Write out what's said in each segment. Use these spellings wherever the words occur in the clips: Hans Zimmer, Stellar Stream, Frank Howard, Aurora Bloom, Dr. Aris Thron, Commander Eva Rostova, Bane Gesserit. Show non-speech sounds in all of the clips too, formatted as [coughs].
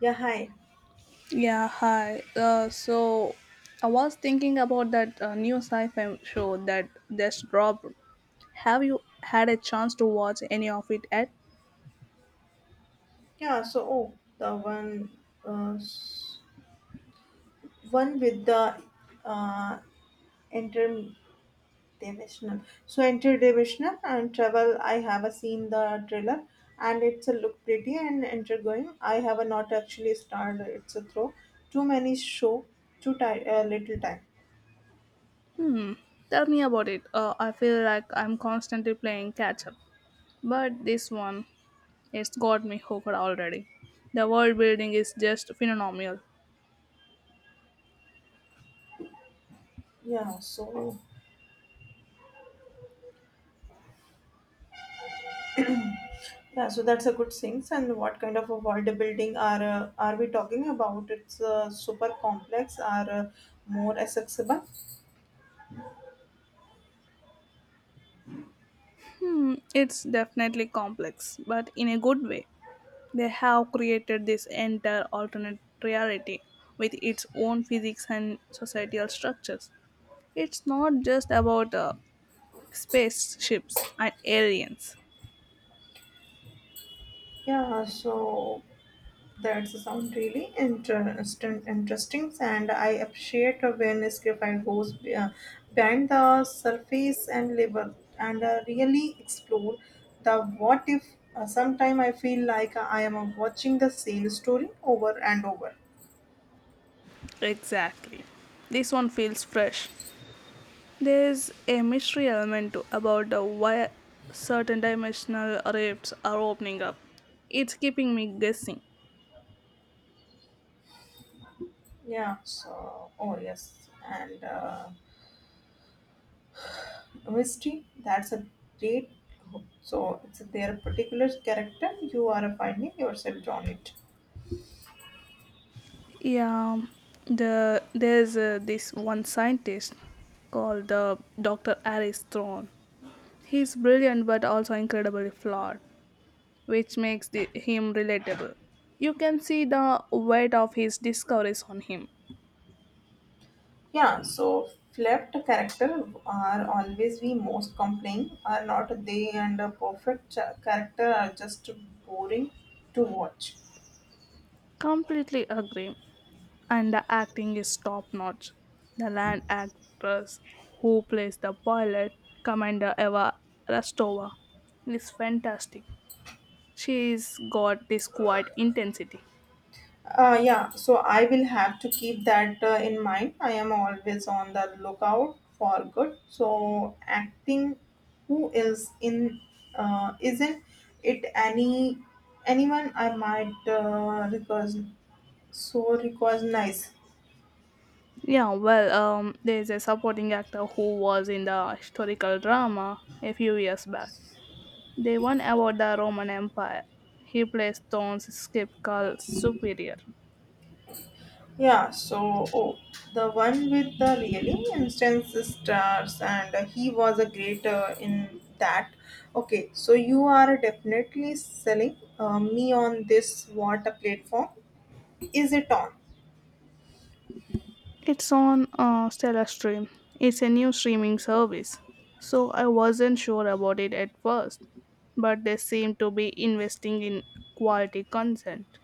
Yeah, hi. Yeah, hi. So I was thinking about that new sci-fi show that just dropped. Have you had a chance to watch any of it yet? Yeah, so oh, the one, uh, s- one with the uh, interdimensional. So interdimensional and travel. I have a seen the trailer, and it's a look pretty and intriguing. I have a not actually started. It's a throw. Too many show. Little time. Tell me about it. I feel like I'm constantly playing catch up, but this one it's got me hooked already. The world building is just phenomenal. Yeah. So yeah. So that's a good things. And what kind of a world building are we talking about? It's super complex. Are more accessible. It's definitely complex, but in a good way. They have created this entire alternate reality with its own physics and societal structures. It's not just about spaceships and aliens. Yeah, so that's sound really interesting, interesting, and I appreciate when Skrify goes behind the surface and label and really explore the what if. Sometime I feel like I am watching the same story over and over. Exactly. This one feels fresh. There's a mystery element to, about why certain dimensional rifts are opening up. It's keeping me guessing. Yeah, so, oh yes, and mystery, that's a great. So, it's their particular character, you are finding yourself on it. Yeah, there's this one scientist called Dr. Aris Thron. He's brilliant but also incredibly flawed, which makes him relatable. You can see the weight of his discoveries on him. Yeah, so flipped character are always we most complain are not they and a perfect character are just boring to watch. Completely agree. And the acting is top notch. The land actress who plays the pilot, Commander Eva Rostova, is fantastic. She's got this quiet intensity. Yeah, so I will have to keep that in mind. I am always on the lookout for good. So acting, who is in, isn't it any anyone I might recognize. Yeah, well, there's a supporting actor who was in the historical drama a few years back. They won about the Roman Empire. He plays Thorne's skip called Superior. Yeah, so oh, the one with the really instance stars, and he was a great in that. Okay, so you are definitely selling me on this. What a platform is it on? It's on Stellar Stream. It's a new streaming service. So I wasn't sure about it at first, but they seem to be investing in quality content.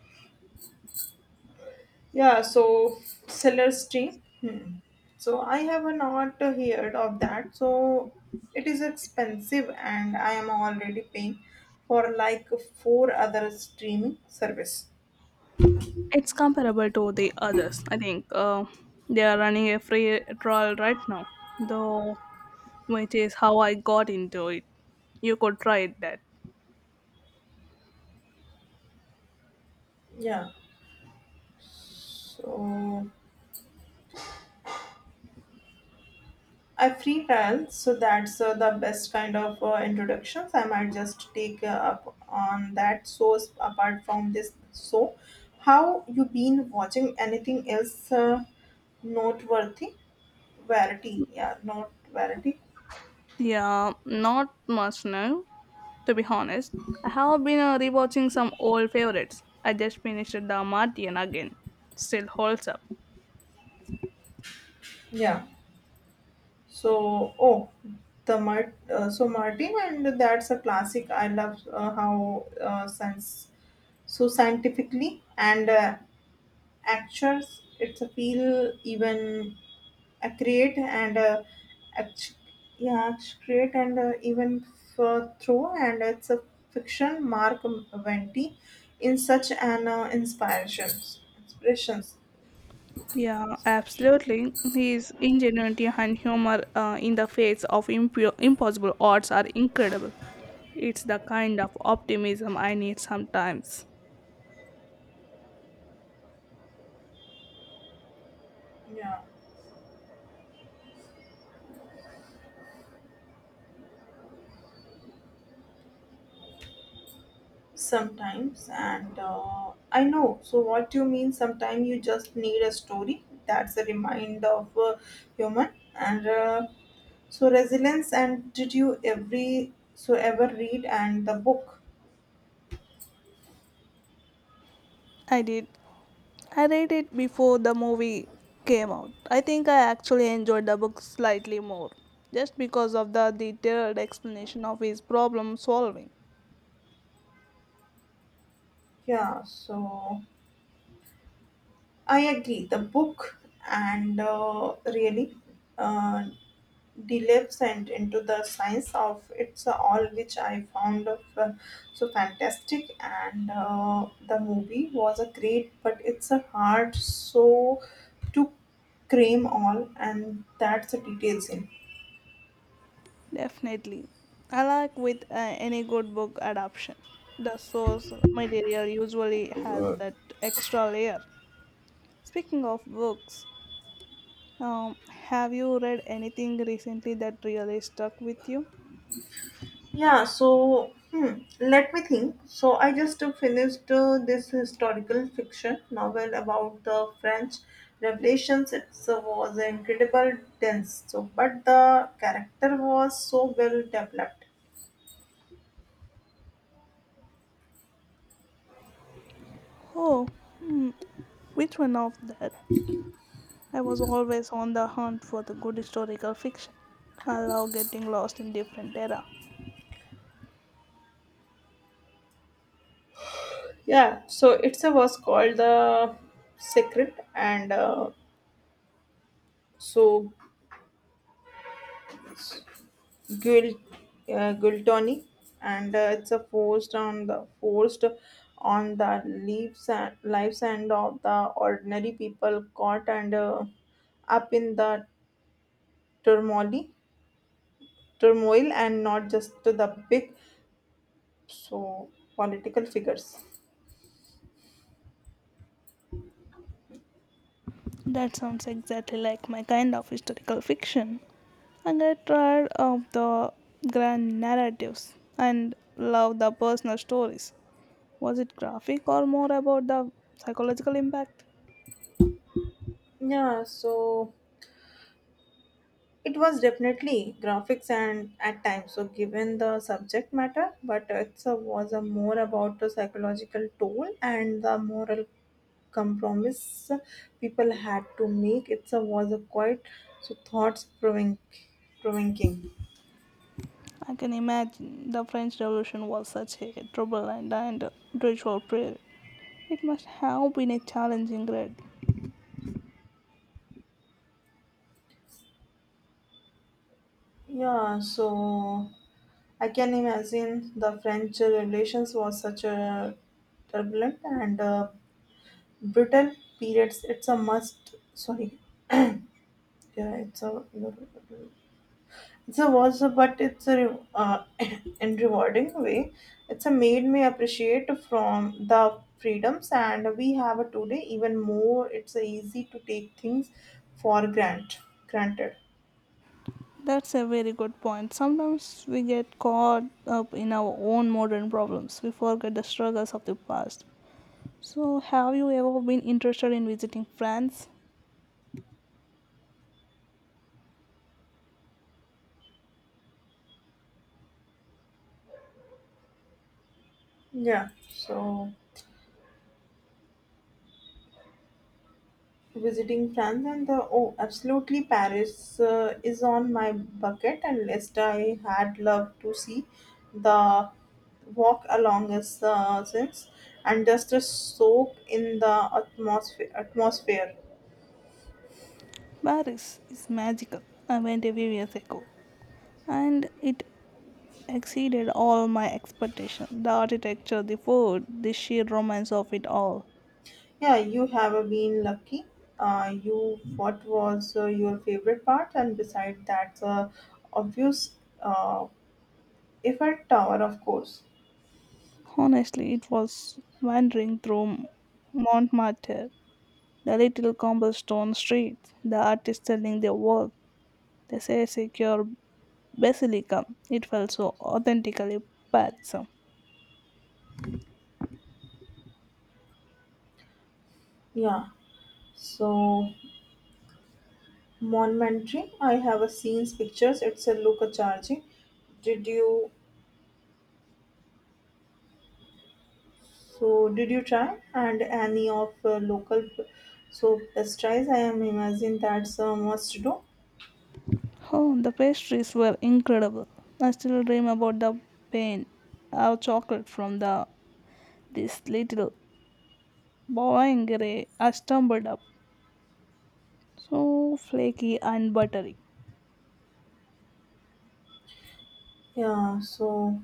Yeah, so seller stream. Hmm. So I have not heard of that. So it is expensive, and I am already paying for like four other streaming service. It's comparable to the others, I think. They are running a free trial right now, though, which is how I got into it. You could try that. Yeah. So I freestyle, so that's the best kind of introductions. I might just take up on that. So apart from this, so how you been watching anything else noteworthy? Verity, yeah, not verity, Yeah, not much now. To be honest, I have been rewatching some old favorites. I just finished The Martian again. Still holds up. yeah. So oh, so Martin, and that's a classic. I love how sense so scientifically and actors. It's a feel even accurate and. Act- yeah, it's great and even for through and it's a fiction Mark Venti in such an inspirations. Yeah, absolutely. His ingenuity and humor in the face of impossible odds are incredible. It's the kind of optimism I need sometimes. Yeah, sometimes and I know so what you mean, sometimes you just need a story that's a reminder of human and so resilience. And did you ever read and the book? I did. I read it before the movie came out. I think I actually enjoyed the book slightly more, just because of the detailed explanation of his problem solving. Yeah, so I agree. The book and really uh, delves and into the science of it's all, which I found of, so fantastic. And the movie was a great, but it's a hard so to cram all and that's the details in. Definitely. I like with any good book adaptation. The source material usually has Uh, that extra layer. Speaking of books, have you read anything recently that really stuck with you? Yeah, so hmm, let me think. So I just finished this historical fiction novel about the French Revelations. It was incredible dense, so but the character was so well developed. Oh, which one of that? I was always on the hunt for the good historical fiction. I love getting lost in different era. Yeah, so it's a was called the Secret, and so Gul, Gultoni, and it's a forced on the lives and of the ordinary people caught and up in the turmoil, turmoil, and not just to the big so political figures. That sounds exactly like my kind of historical fiction. I get tired of the grand narratives and love the personal stories. Was it graphic or more about the psychological impact? Yeah, so it was definitely graphics and at times. So given the subject matter, but it was a more about the psychological toll and the moral compromise people had to make. It was a quite so thoughts provoking. I can imagine the French Revolution was such a turbulent and ritual period. It must have been a challenging read. Yeah, so I can imagine the French relations was such a turbulent and brittle periods. It's a must. Sorry, yeah, it's a. It's a was a but it's a [coughs] [clears throat] in rewarding way. It's a made me appreciate from the freedoms and we have a today even more. It's a easy to take things for granted. That's a very good point. Sometimes we get caught up in our own modern problems. We forget the struggles of the past. So, have you ever been interested in visiting France? Yeah. So visiting France and the oh absolutely Paris is on my bucket and list. I had loved to see the walk along the since and just to soak in the atmosphere. Paris is magical. I went a few years ago and it exceeded all my expectations. The architecture, the food, the sheer romance of it all. Yeah, you have been lucky. You what was your favorite part? And beside that, obvious uh, Eiffel Tower, of course. Honestly, it was wandering through Montmartre, the little cobblestone streets, the artists selling their work, the secure basilica. It felt so authentically Parisian. Yeah. So monumentary. I have a seen pictures. It's a local charging. Did you did you try and any of local so pastries? I am imagine that's a must do. Oh, the pastries were incredible. I still dream about the pain, our chocolate from the this little boingere I stumbled up, so flaky and buttery. Yeah. So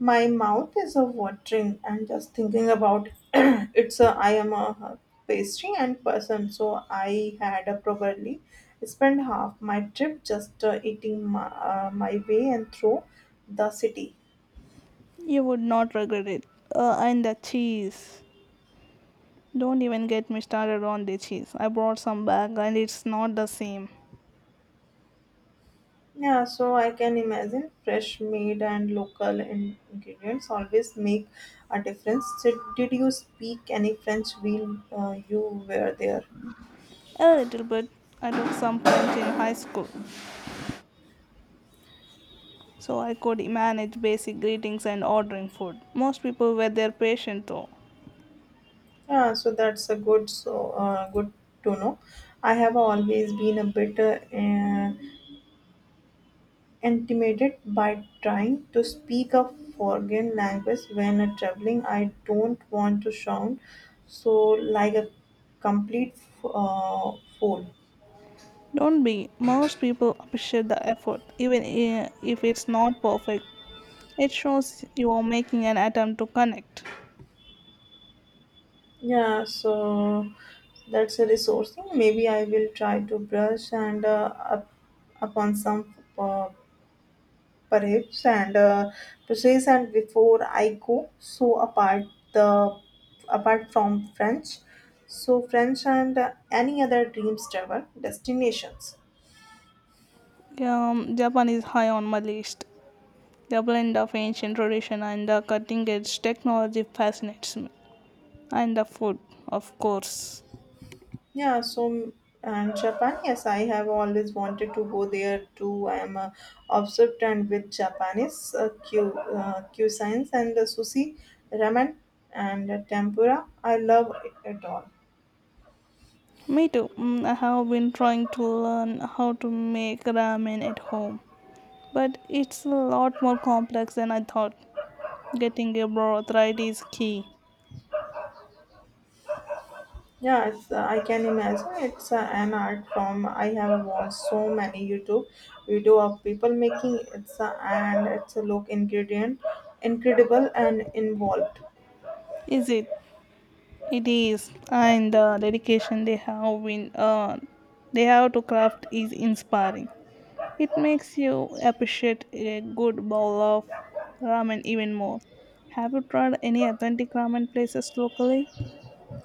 my mouth is a watering and just thinking about [clears throat] it's a I am a pastry and person, so I had a probably spent half my trip just eating my way and through the city. You would not regret it. And the cheese. Don't even get me started on the cheese. I brought some back and it's not the same. Yeah, so I can imagine fresh made and local ingredients always make a difference. Did you speak any French while you were there? A little bit. I took some French in high school, so I could manage basic greetings and ordering food. Most people were there patient though. Yeah, so that's a good to know. I have always been a bit intimidated by trying to speak a foreign language when traveling. I don't want to sound so like a complete fool. Don't be. Most people appreciate the effort, even if it's not perfect. It shows you are making an attempt to connect. Yeah, so that's a resourcing. Maybe I will try to brush and up upon some perhaps and process and before I go. So apart the apart from French and any other dreams travel destinations? Japan is high on my list. The blend of ancient tradition and the cutting edge technology fascinates me. And the food, of course. Yeah, so and Japan, yes, I have always wanted to go there too. I am obsessed and with Japanese Q and sushi, ramen, and tempura. I love it at all. Me too. Mm, I have been trying to learn how to make ramen at home, but it's a lot more complex than I thought. Getting a broth right is key. Yes, I can imagine it's an art form. I have watched so many YouTube video of people making it's and it's a look incredible and involved. Is it? It is. And the dedication they have to craft is inspiring. It makes you appreciate a good bowl of ramen even more. Have you tried any authentic ramen places locally?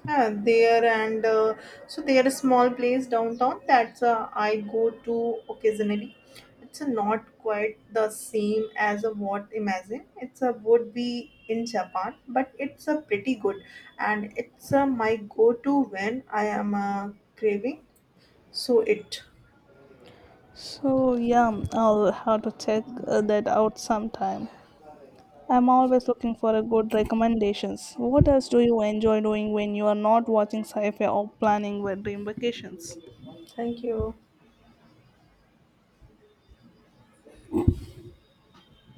Yeah, there and so there is small place downtown that's I go to occasionally. It's not quite the same as a what imagine. It's a would be in Japan, but it's a pretty good and it's my go to when I am craving So it. So, yeah, I'll have to check that out sometime. I'm always looking for a good recommendations. What else do you enjoy doing when you are not watching sci-fi or planning your dream vacations? Thank you.